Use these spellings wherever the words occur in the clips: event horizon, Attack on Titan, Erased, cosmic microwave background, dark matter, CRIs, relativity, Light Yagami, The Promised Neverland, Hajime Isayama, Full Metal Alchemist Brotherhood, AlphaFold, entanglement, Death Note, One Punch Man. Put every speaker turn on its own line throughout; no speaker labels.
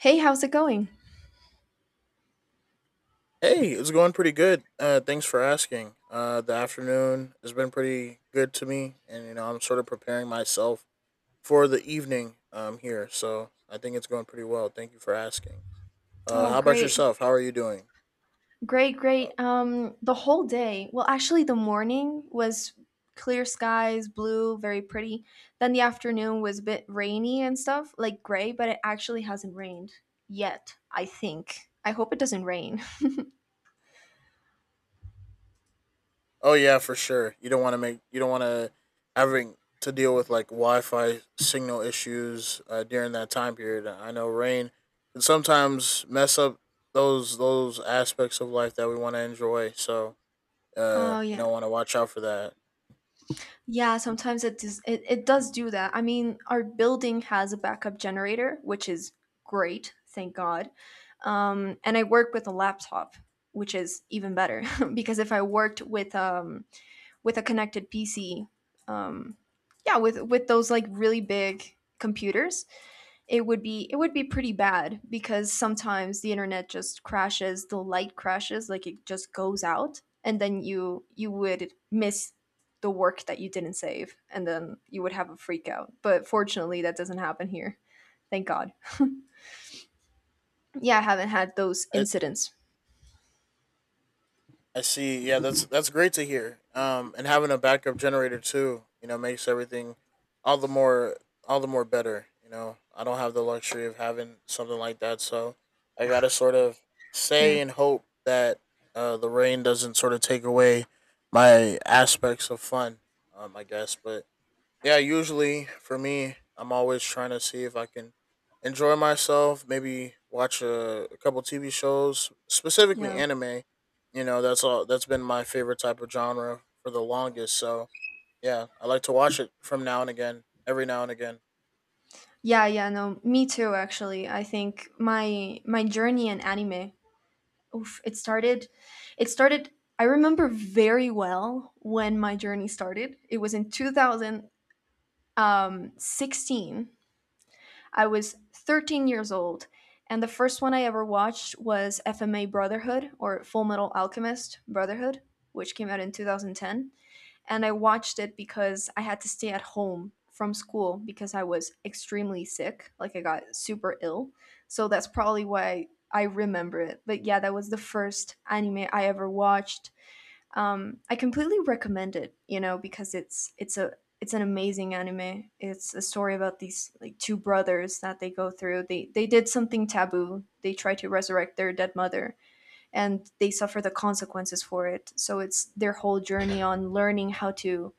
Hey, how's it going?
Hey, it's going pretty good. Thanks for asking. The afternoon has been pretty good to me, and you know I'm sort of preparing myself for the evening here, so I think it's going pretty well. Thank you for asking.
Oh,
How about
great.
yourself? How are you doing?
Great,
Uh,
great. The whole day, well, actually, the morning was clear skies, blue, very pretty. Then the afternoon was a bit rainy and stuff, like gray, but it actually hasn't rained yet, I think. I hope it doesn't rain.
Oh yeah, for sure. You don't want to having to deal with like Wi-Fi signal issues during that time period. I know rain can sometimes mess up those aspects of life that we want to enjoy. So
Oh,
you
yeah.
know, want to watch out for that.
Yeah, sometimes it does do that. I mean, our building has a backup generator, which is great, thank God. And I work with a laptop, which is even better because if I worked with a connected PC, um, yeah, with those like really big computers, it would be pretty bad because sometimes the internet just crashes, the light crashes, like it just goes out and then you would miss the work that you didn't save and then you would have a freak out, but fortunately that doesn't happen here, thank God. Yeah, I haven't had those
I,
incidents.
I see. Yeah, that's great to hear. And having a backup generator too, you know, makes everything all the more all the more better. You know, I don't have the luxury of having something like that, so I gotta sort of
Yeah,
say and hope that the rain doesn't sort of take away my aspects of fun. I guess, but yeah, usually for me, I'm always trying to see if I can enjoy myself, maybe watch a couple TV shows, specifically
yeah,
anime. You know, that's all that's been my favorite type of genre for the longest. So, yeah, I like to watch it from now and again, every now and again.
yeah, yeah, no, me too, actually. I think my journey in anime, oof, it started. I remember very well when my journey started. It was in 2016. I was 13 years old, and the first one I ever watched was FMA Brotherhood, or Full Metal Alchemist Brotherhood, which came out in 2010. And I watched it because I had to stay at home from school because I was extremely sick. Like I got super ill. So that's probably why I remember it. But yeah, that was the first anime I ever watched. I completely recommend it, you know, because it's a it's an amazing anime. It's a story about these like two brothers that they go through. They did something taboo. They try to resurrect their dead mother, and they suffer the consequences for it. So it's their whole journey on learning how to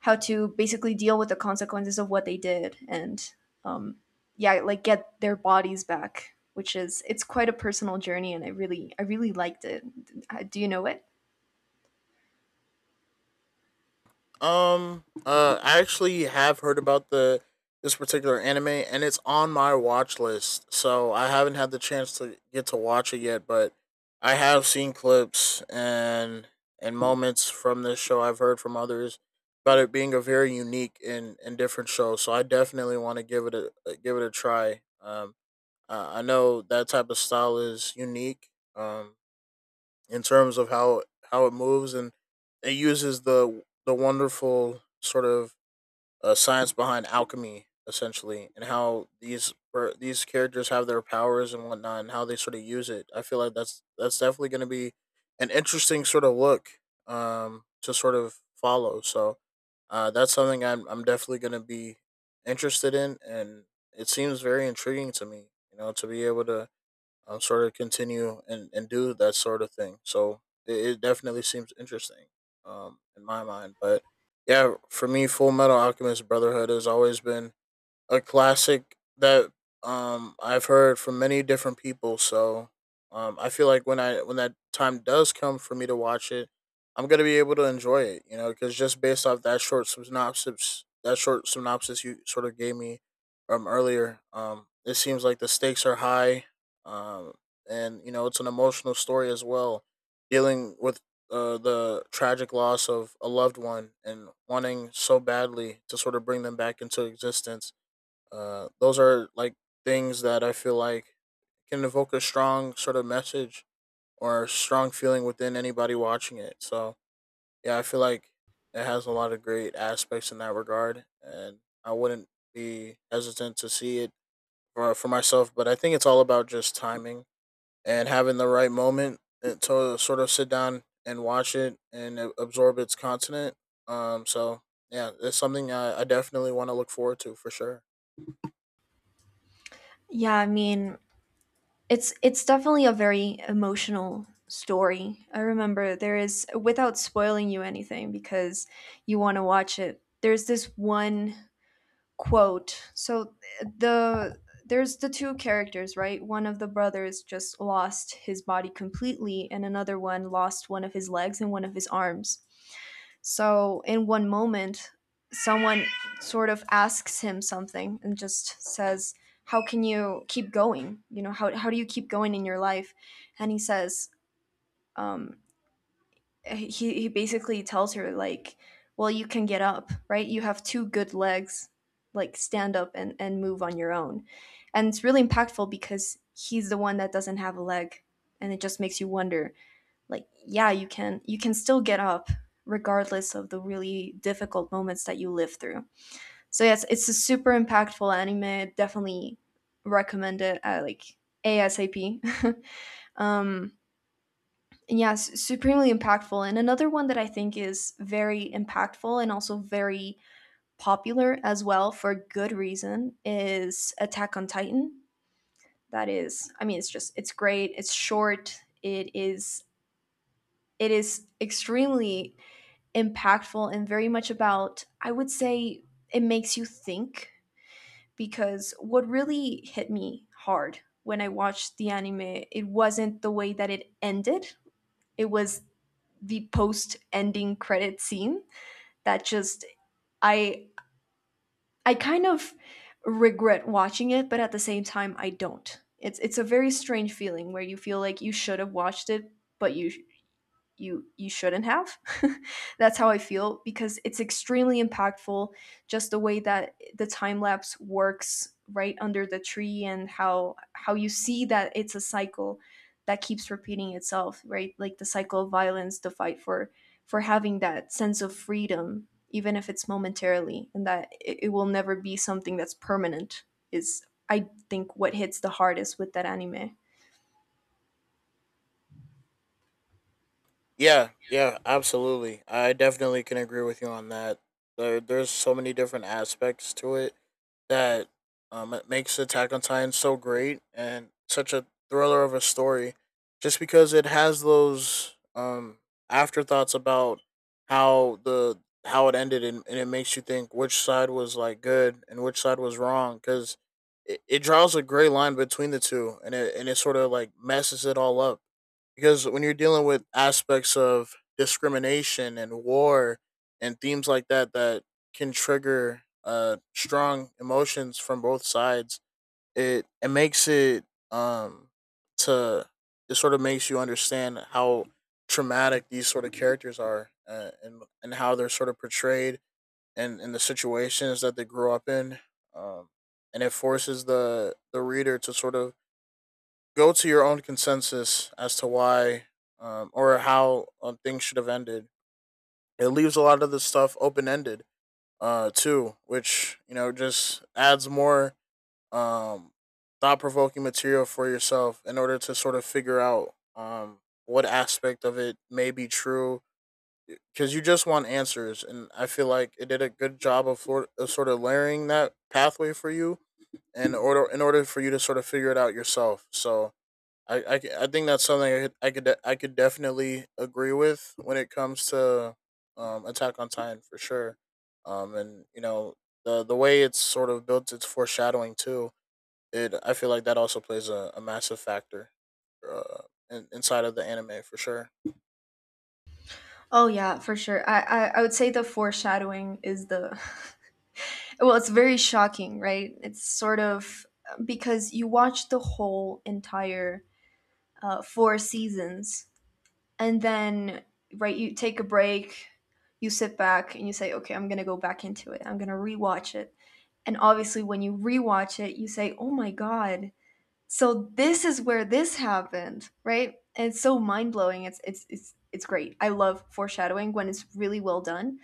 how to basically deal with the consequences of what they did, and um, yeah, like get their bodies back. Which is, it's quite a personal journey, and I really liked it. Do you know it?
I actually have heard about the this particular anime, and it's on my watch list. So I haven't had the chance to get to watch it yet, but I have seen clips and moments from this show. I've heard from others about it being a very unique and different show. So I definitely want to give it a try. I know that type of style is unique. Um, in terms of how it moves and it uses the wonderful sort of science behind alchemy essentially and how these characters have their powers and whatnot and how they sort of use it. I feel like that's definitely going to be an interesting sort of look to sort of follow. So that's something I'm definitely going to be interested in, and it seems very intriguing to me. You know, to be able to sort of continue and do that sort of thing. So it definitely seems interesting in my mind. But yeah, for me, Full Metal Alchemist Brotherhood has always been a classic that I've heard from many different people. So I feel like when that time does come for me to watch it, I'm gonna be able to enjoy it. You know, because just based off that short synopsis you sort of gave me earlier, it seems like the stakes are high, um and you know it's an emotional story as well, dealing with. The tragic loss of a loved one and wanting so badly to sort of bring them back into existence. Those are like things that I feel like can evoke a strong sort of message or strong feeling within anybody watching it. So yeah, I feel like it has a lot of great aspects in that regard, and I wouldn't be hesitant to see it for myself. But I think it's all about just timing and having the right moment and to sort of sit down and watch it and absorb its content. So yeah, it's something I definitely want to look forward to for sure.
Yeah, I mean, it's definitely a very emotional story. I remember there is, without spoiling you anything because you want to watch it, there's this one quote. So the there's the two characters, right? One of the brothers just lost his body completely and another one lost one of his legs and one of his arms. So in one moment, someone sort of asks him something and just says, "How can you keep going? You know, how do you keep going in your life?" And he says, um, he basically tells her like, "Well, you can get up, right? You have two good legs, like stand up and move on your own." And it's really impactful because he's the one that doesn't have a leg, and it just makes you wonder, like, yeah, you can still get up regardless of the really difficult moments that you live through. So yes, it's a super impactful anime. Definitely recommend it, like, ASAP. um and yeah, supremely impactful. And another one that I think is very impactful and also very popular as well, for good reason, is Attack on Titan. That is, I mean, it's just, it's great, it's short, it is extremely impactful and very much about, I would say, it makes you think, because what really hit me hard when I watched the anime, it wasn't the way that it ended. It was the post-ending credit scene that just, I I kind of regret watching it, but at the same time I don't. It's a very strange feeling where you feel like you should have watched it, but you shouldn't have. That's how I feel because it's extremely impactful, just the way that the time lapse works right under the tree and how you see that it's a cycle that keeps repeating itself, right, like the cycle of violence, the fight for having that sense of freedom even if it's momentarily, and that it will never be something that's permanent, is I think what hits the hardest with that anime.
Yeah, yeah, absolutely. I definitely can agree with you on that. There's so many different aspects to it that it makes Attack on Titan so great and such a thriller of a story, just because it has those afterthoughts about how the how it ended, and it makes you think which side was like good and which side was wrong, because it draws a gray line between the two, and it sort of like messes it all up because when you're dealing with aspects of discrimination and war and themes like that that can trigger strong emotions from both sides. It makes it um to it sort of makes you understand how traumatic these sort of characters are, and how they're sort of portrayed and in the situations that they grew up in. Um, and it forces the reader to sort of go to your own consensus as to why or how things should have ended. It leaves a lot of the stuff open ended too, which you know just adds more um thought provoking material for yourself in order to sort of figure out what aspect of it may be true, because you just want answers, and I feel like it did a good job of sort of layering that pathway for you in order for you to sort of figure it out yourself. So I think that's something I could I could definitely agree with when it comes to Attack on Titan for sure, and you know the way it's sort of built its foreshadowing too. It I feel like that also plays a massive factor, uh, inside of the anime for sure.
Oh yeah, for sure. I would say the foreshadowing is the, well, it's very shocking, right? It's sort of because you watch the whole entire four seasons, and then, right, you take a break, you sit back, and you say, okay, I'm gonna go back into it. I'm gonna rewatch it, and obviously, when you rewatch it, you say, oh my God, so this is where this happened, right? And it's so mind blowing. It's great. I love foreshadowing when it's really well done,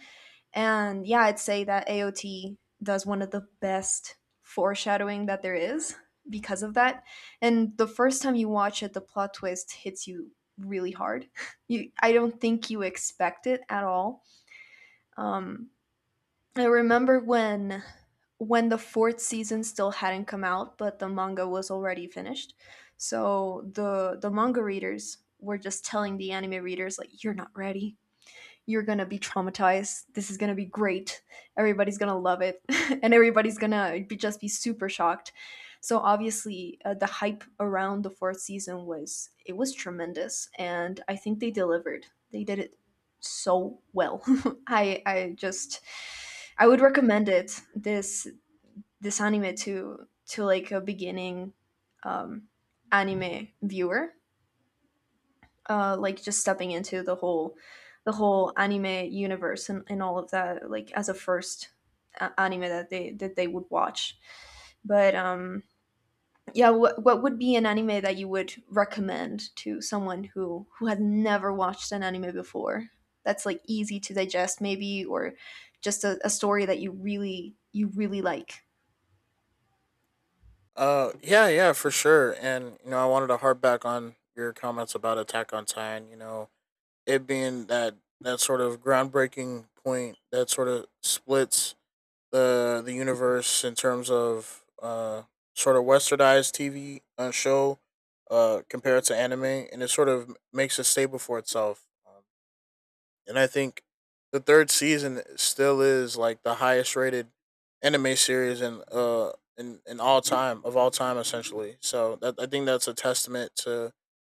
and yeah, I'd say that AOT does one of the best foreshadowing that there is because of that. And the first time you watch it, the plot twist hits you really hard. You, I don't think you expect it at all. Um, I remember when the fourth season still hadn't come out, but the manga was already finished. So the manga readers were just telling the anime readers like, "You're not ready, you're gonna be traumatized. This is gonna be great. Everybody's gonna love it, and everybody's gonna be, just be super shocked." So obviously, the hype around the fourth season was, it was tremendous, and I think they delivered. They did it so well. I just, I would recommend it this this anime to like a beginning, um, anime viewer, like just stepping into the whole anime universe and all of that, like as a first anime that they would watch. But yeah, what would be an anime that you would recommend to someone who had never watched an anime before, that's like easy to digest maybe, or just a story that you really like.
Yeah, yeah, for sure. And you know I wanted to harp back on your comments about Attack on Titan. You know it being that that sort of groundbreaking point that sort of splits the universe in terms of sort of westernized TV show compared to anime, and it sort of makes a staple for itself. And I think the third season still is like the highest rated anime series in in all time of all time essentially. So that I think that's a testament to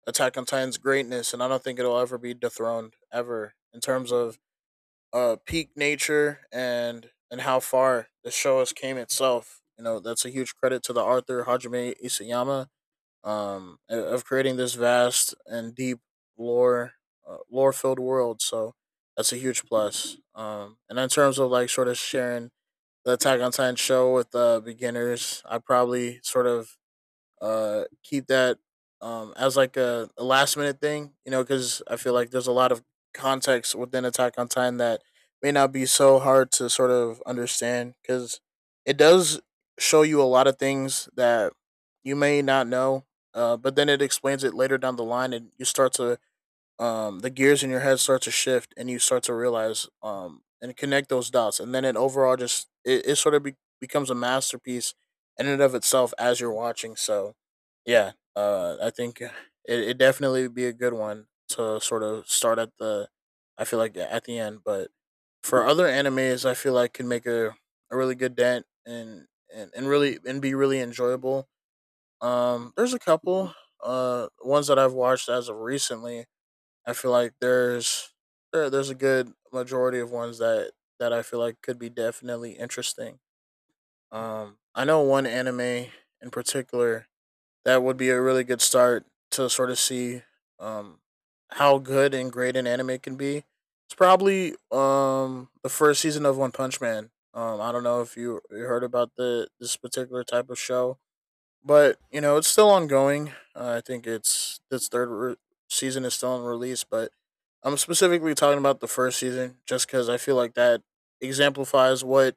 Attack on Titan's greatness, and I don't think it'll ever be dethroned ever in terms of peak nature and how far the show has came itself. You know, that's a huge credit to the Arthur Hajime Isayama um of creating this vast and deep lore, lore filled world. So that's a huge plus. And in terms of like sort of sharing the Attack on Titan show with beginners, I probably sort of keep that as like a last minute thing, you know, because I feel like there's a lot of context within Attack on Titan that may not be so hard to sort of understand because it does show you a lot of things that you may not know, but then it explains it later down the line, and you start to the gears in your head start to shift and you start to realize and connect those dots, and then it overall just it, it sort of be, becomes a masterpiece in and of itself as you're watching. So yeah I think it, it definitely would be a good one to sort of start at the I feel like at the end. But for other animes I feel like can make a really good dent and really and be really enjoyable. There's a couple ones that I've watched as of recently. I feel like there's a good majority of ones that I feel like could be definitely interesting. I know one anime in particular that would be a really good start to sort of see um how good and great an anime can be. It's probably the first season of One Punch Man. I don't know if you heard about the this particular type of show, but you know it's still ongoing. I think it's this third season is still in release, but I'm specifically talking about the first season just because I feel like that exemplifies what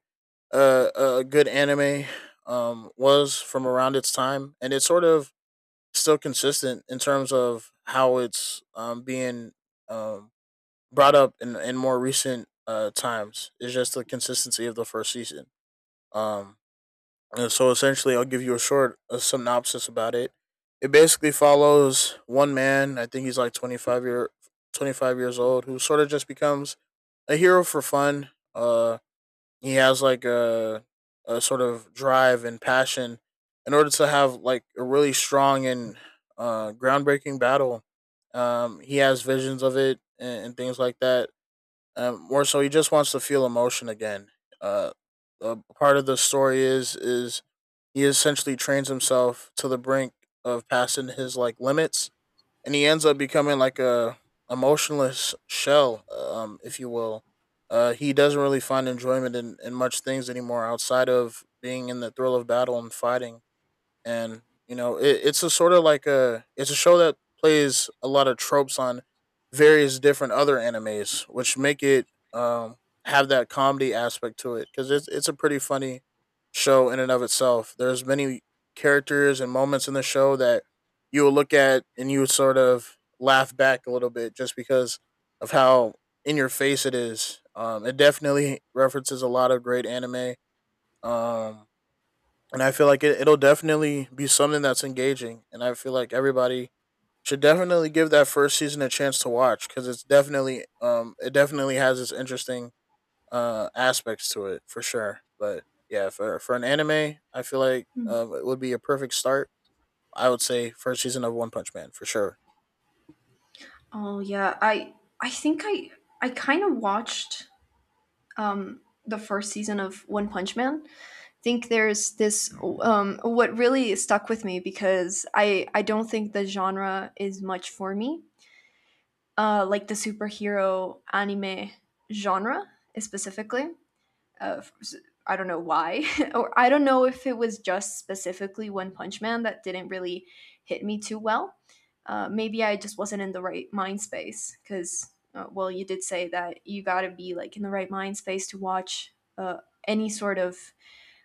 a good anime was from around its time, and it's sort of still consistent in terms of how it's being um, brought up in more recent times. It's just the consistency of the first season. Um, so essentially, I'll give you a synopsis about it. It basically follows one man. I think he's like 25 years old, who sort of just becomes a hero for fun. He has like a sort of drive and passion in order to have like a really strong and groundbreaking battle. He has visions of it and things like that. More so, he just wants to feel emotion again. Uh, a part of the story is he essentially trains himself to the brink of passing his like limits, and he ends up becoming like a emotionless shell, if you will. He doesn't really find enjoyment in much things anymore outside of being in the thrill of battle and fighting and you know it, It's a sort of like a it's a show that plays a lot of tropes on various different other animes, which make it um, have that comedy aspect to it because it's a pretty funny show in and of itself. There's many characters and moments in the show that you will look at and you would sort of laugh back a little bit just because of how in your face it is. It definitely references a lot of great anime. Um, and I feel like it'll definitely be something that's engaging, and I feel like everybody should definitely give that first season a chance to watch because it's definitely it definitely has its interesting aspects to it for sure. But yeah, for an anime, I feel like
Mm.
it would be a perfect start. I would say first season of One Punch Man for sure.
Oh yeah, I think I kind of watched the first season of One Punch Man. Think there's this What really stuck with me, because I don't think the genre is much for me. Like the superhero anime genre specifically. Uh, f- s- I don't know why, or I don't know if it was just specifically One Punch Man that didn't really hit me too well. Maybe I just wasn't in the right mind space because, well, you did say that you gotta be like in the right mind space to watch any sort of,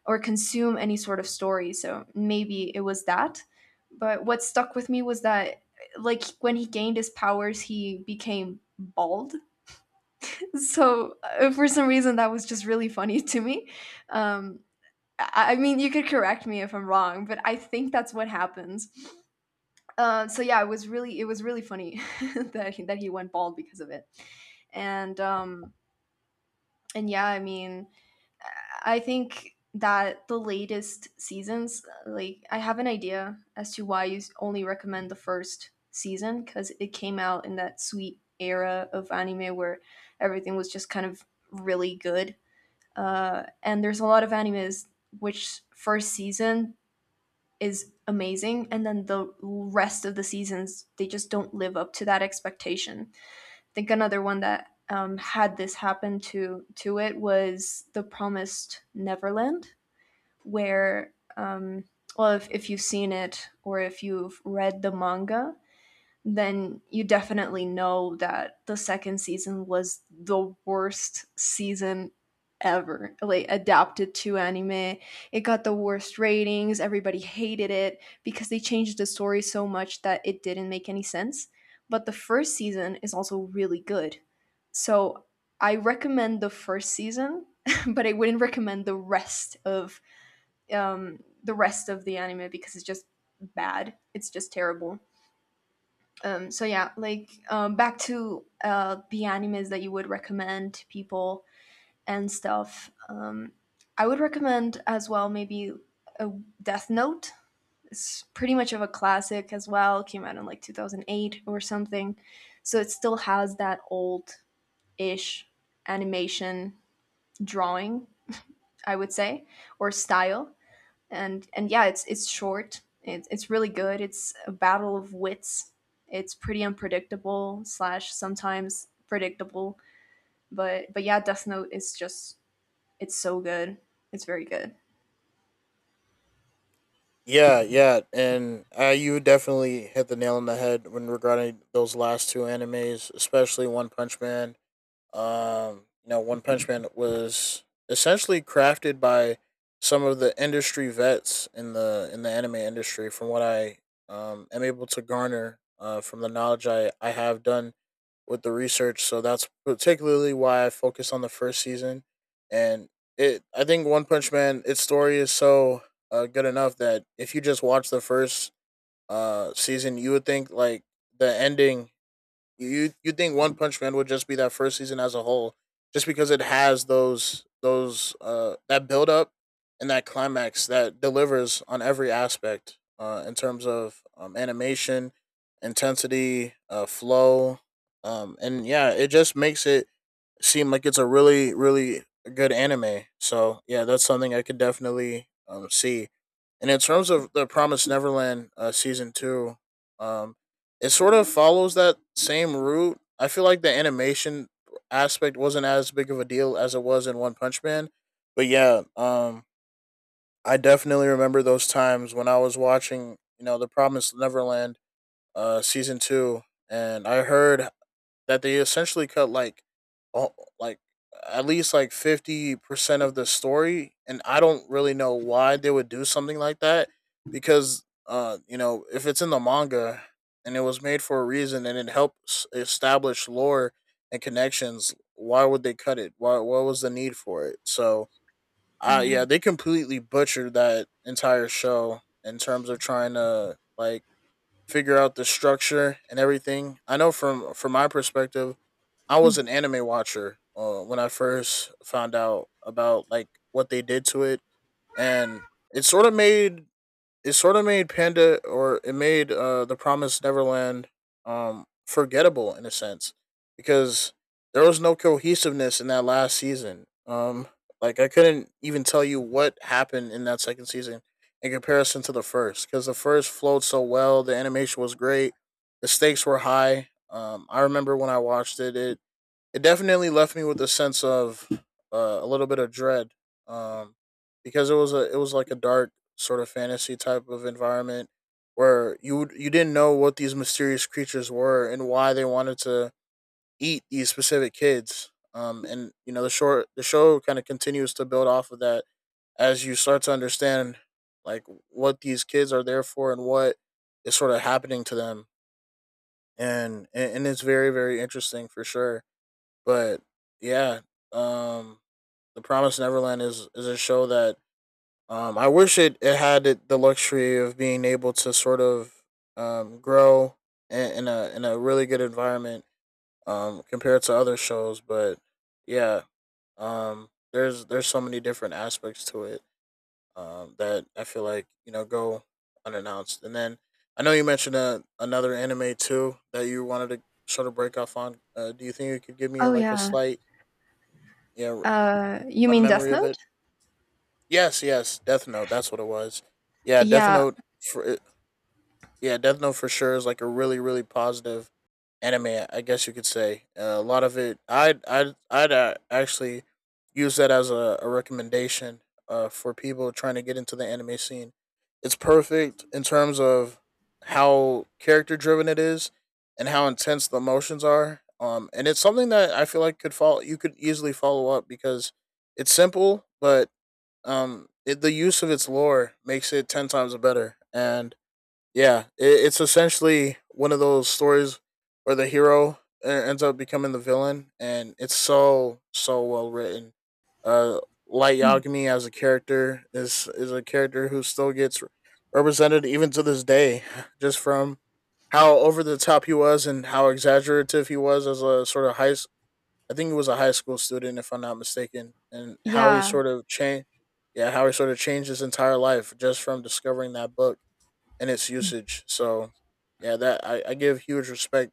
or consume any sort of story. So maybe it was that. But what stuck with me was that, like, when he gained his powers, he became bald. So for some reason, that was just really funny to me. Um, I mean, you could correct me if I'm wrong, but I think that's what happens. So yeah, it was really, it was really funny that he went bald because of it, and yeah, I mean, I think that the latest seasons, like I have an idea as to why you only recommend the first season, because it came out in that sweet era of anime where everything was just kind of really good. And there's a lot of animes which first season is amazing, and then the rest of the seasons they just don't live up to that expectation. I think another one that had this happen to it was The Promised Neverland, where well, if you've seen it or if you've read the manga, then you definitely know that the second season was the worst season ever, like adapted to anime. It got the worst ratings, everybody hated it because they changed the story so much that it didn't make any sense. But the first season is also really good. So I recommend the first season, but I wouldn't recommend the rest of, the rest of the anime because it's just bad. It's just terrible. So yeah, like, back to the animes that you would recommend to people and stuff. I would recommend as well, maybe, a Death Note. It's pretty much of a classic as well. It came out in like 2008 or something, so it still has that old-ish animation drawing, I would say, or style. And yeah, it's short. It's really good. It's a battle of wits. It's pretty unpredictable slash sometimes predictable, but yeah, Death Note is just, it's so good. It's very good.
Yeah, yeah, and you definitely hit the nail on the head when regarding those last two animes, especially One Punch Man. You know, One Punch Man was essentially crafted by some of the industry vets in the anime industry. From what I am able to garner from the knowledge I have done with the research, so that's particularly why I focused on the first season. And I think One Punch Man, its story is so good enough that if you just watch the first season, you would think like the ending you think One Punch Man would just be that first season as a whole, just because it has those that build up and that climax that delivers on every aspect in terms of animation, intensity, flow, and yeah, it just makes it seemed like it's a really really good anime. So yeah, that's something I could definitely see. And in terms of the Promised Neverland season two, um, it sort of follows that same route. I feel like the animation aspect wasn't as big of a deal as it was in One Punch Man, but yeah, I definitely remember those times when I was watching, you know, the Promised Neverland season two, and I heard that they essentially cut like, oh, like at least like 50% of the story, and I don't really know why they would do something like that because you know if it's in the manga and it was made for a reason and it helps establish lore and connections, why would they cut it? Why what was the need for it? So
Yeah.
yeah, they completely butchered that entire show in terms of trying to like figure out the structure and everything. I know from my perspective, I was an anime watcher when I first found out about like what they did to it, and it sort of made it sort of made Panda or it made the Promised Neverland forgettable in a sense because there was no cohesiveness in that last season. Like I couldn't even tell you what happened in that second season in comparison to the first cuz the first flowed so well, the animation was great, the stakes were high. I remember when I watched it, it it definitely left me with a sense of a little bit of dread um, because it was a it was like a dark sort of fantasy type of environment where you didn't know what these mysterious creatures were and why they wanted to eat these specific kids. And you know the show kind of continues to build off of that as you start to understand like what these kids are there for and what is sort of happening to them and it's very interesting for sure but yeah, um, The Promised Neverland is a show that I wish it had the luxury of being able to sort of grow in a really good environment compared to other shows. But yeah, there's so many different aspects to it that I feel like you know go unannounced. And then I know you mentioned another anime too that you wanted to sort of break off on. Do you think you could give me
Oh
like a
yeah.
slight yeah
You
a
mean Death
memory of
Note?
it. Yes, yes, Death Note. That's what it was. Yeah, Death
Yeah,
Note. For, eh, yeah, Death Note for sure is like a really, really positive anime. I guess you could say a lot of it. I'd actually use that as a recommendation for people trying to get into the anime scene. It's perfect in terms of how character driven it is and how intense the emotions are. And it's something that I feel like could follow. You could easily follow up because it's simple, but it, the use of its lore makes it 10 times better and yeah it's essentially one of those stories where the hero ends up becoming the villain and it's so well written uh light yagami as a character is a character who still gets represented even to this day just from how over the top he was and how exaggerative he was as a sort of high I think he was a high school student, if I'm not mistaken, and how he
yeah,
sort of yeah, how he sort of changed his entire life just from discovering that book and its usage. So, yeah, that I give huge respect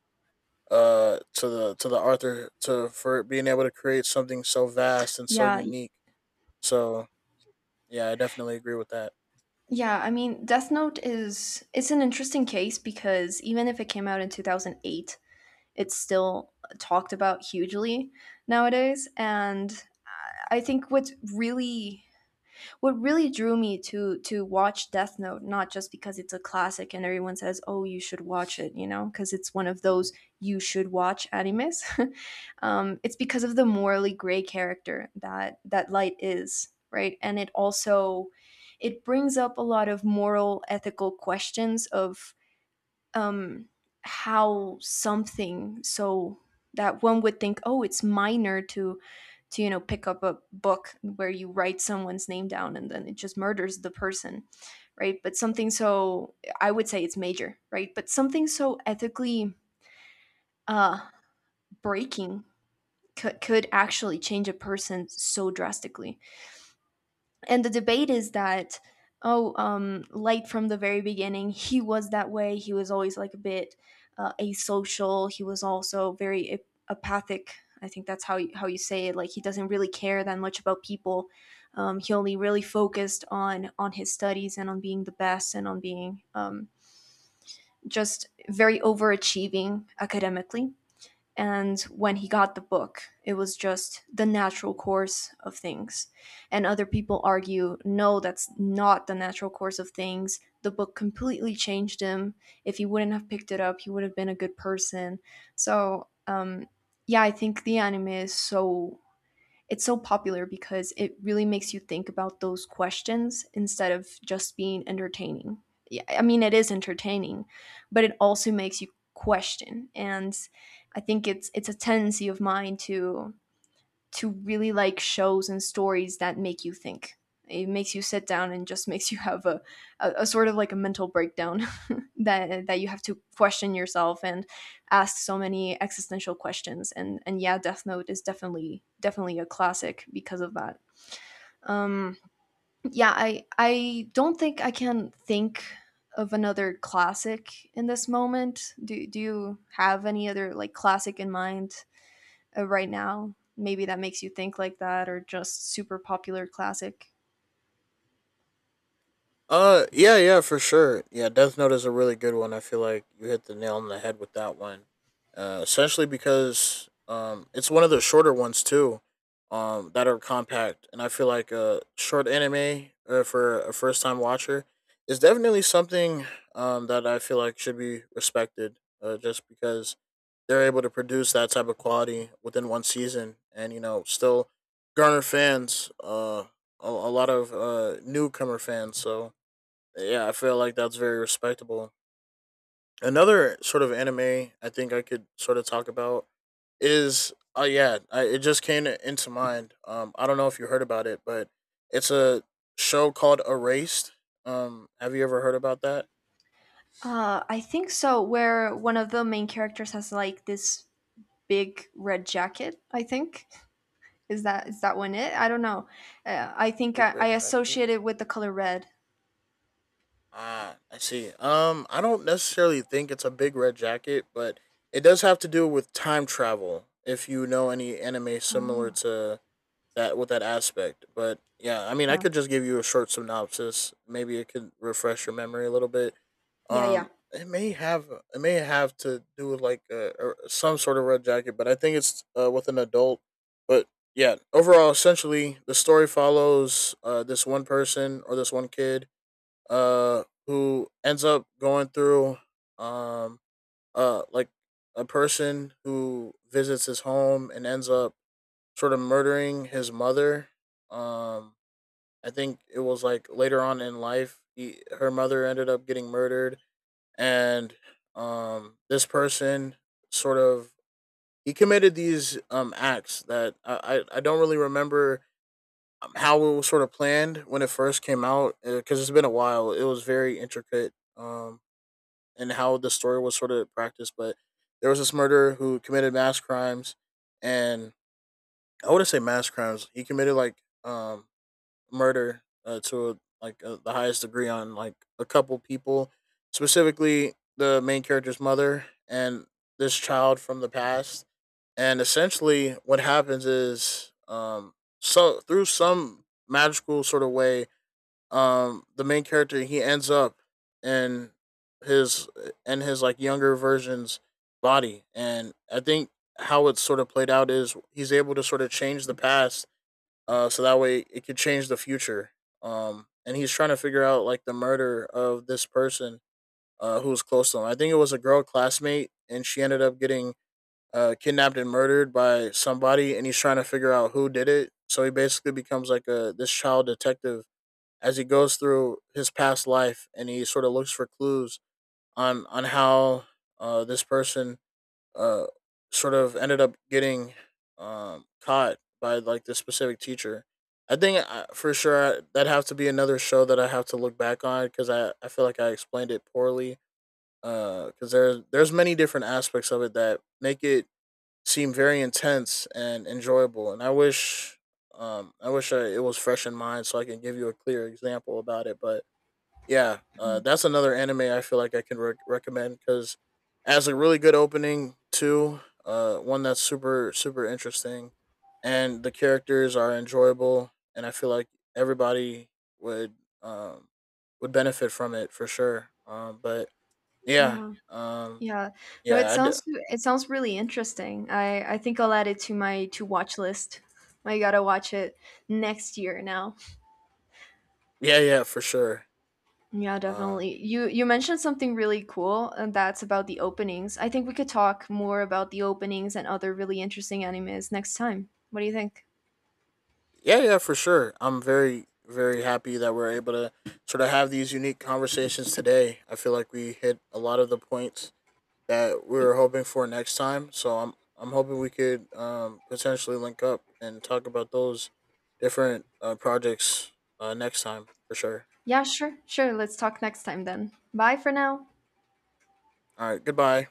to the author to for being able to create something so vast and so
yeah,
unique. So, yeah, I definitely agree with that.
yeah. I mean, Death Note is, it's an interesting case because even if it came out in 2008, it's still talked about hugely nowadays. And I think what's really, what really drew me to watch Death Note, not just because it's a classic and everyone says, "Oh, you should watch it," you know, because it's one of those you should watch animes. It's because of the morally gray character that that Light is, right? And it also, it brings up a lot of moral, ethical questions of, um, how something so, that one would think, "Oh, it's minor, to you know pick up a book where you write someone's name down and then it just murders the person, right? But something so, I would say it's major, right? But something so ethically uh breaking could actually change a person so drastically." And the debate is that, oh, like from the very beginning he was that way, he was always like a bit asocial, he was also very apathic, I think that's how you say it, like he doesn't really care that much about people. Um, he only really focused on his studies and on being the best and on being just very overachieving academically. And when he got the book, it was just the natural course of things. And other people argue, no, that's not the natural course of things. The book completely changed him. If he wouldn't have picked it up, he would have been a good person. So, yeah, I think the anime is so, it's so popular because it really makes you think about those questions instead of just being entertaining. Yeah, I mean, it is entertaining, but it also makes you question. And I think it's a tendency of mine to really like shows and stories that make you think. It makes you sit down and just makes you have a sort of like a mental breakdown that you have to question yourself and ask so many existential questions. And yeah, Death Note is definitely, definitely a classic because of that. Um, yeah, I don't think I can think of another classic in this moment. Do you have any other like classic in mind, right now, maybe, that makes you think like that, or just super popular classic.
Yeah, yeah, for sure. Yeah, Death Note is a really good one. I feel like you hit the nail on the head with that one. Essentially because it's one of the shorter ones too, that are compact, and I feel like a short anime for a first time watcher is definitely something that I feel like should be respected. Just because they're able to produce that type of quality within one season, and you know, still garner fans. A lot of newcomer fans. So yeah, I feel like that's very respectable. Another sort of anime I think I could sort of talk about is oh yeah, it just came into mind. I don't know if you heard about it, but it's a show called Erased. Have you ever heard about that?
I think so. Where one of the main characters has like this big red jacket. I think, is that, is that one it? I don't know. I think
Big
I
Red Jacket.
associate it with the color red.
Ah, I see. I don't necessarily think it's a Big Red Jacket, but it does have to do with time travel. If you know any anime similar
Oh,
to that with that aspect. But yeah, I mean, I
yeah,
could just give you a short synopsis. Maybe it could refresh your memory a little bit.
yeah, yeah,
It may have it may have to do with like or some sort of red jacket, but I think it's with an adult. But yeah, overall, essentially, the story follows this one person or this one kid who ends up going through um, like a person who visits his home and ends up sort of murdering his mother. Um, I think it was like later on in life, her mother ended up getting murdered, and this person sort of he committed these acts that I don't really remember how it was sort of planned when it first came out because it's been a while. It was very intricate and in how the story was sort of practiced, but there was this murderer who committed mass crimes and I wouldn't say mass crimes. He committed like um murder to like the highest degree on like a couple people, specifically the main character's mother and this child from the past. And essentially, what happens is, so through some magical sort of way, the main character he ends up in his in his like younger version's body, and I think how it's sort of played out is he's able to sort of change the past so that way it could change the future. And he's trying to figure out like the murder of this person who was close to him. I think it was a girl classmate, and she ended up getting kidnapped and murdered by somebody, and he's trying to figure out who did it. So he basically becomes like a this child detective as he goes through his past life, and he sort of looks for clues on how this person uh, sort of ended up getting caught by like this specific teacher. I think for sure that'd have to be another show that I have to look back on because I feel like I explained it poorly. Because there's many different aspects of it that make it seem very intense and enjoyable, and I wish it was fresh in mind so I can give you a clear example about it. But yeah, that's another anime I feel like I can recommend because has a really good opening too. One that's super interesting, and the characters are enjoyable, and I feel like everybody would um would benefit from it for sure. But yeah,
yeah,
um,
yeah. No, it
yeah, I d-
sounds, it sounds really interesting. I think I'll add it to my to watch list. I gotta watch it next year now.
yeah yeah for sure.
Yeah,
Um,
definitely. You mentioned something really cool, and that's about the openings. I think we could talk more about the openings and other really interesting animes next time. What do you think?
yeah, yeah, for sure. I'm very happy that we're able to sort of have these unique conversations today. I feel like we hit a lot of the points that we
Y-
were hoping for next time. So I'm hoping we could potentially link up and talk about those different projects next time for sure.
Yeah, sure. Sure, let's talk next time then. Bye for now.
All right, goodbye.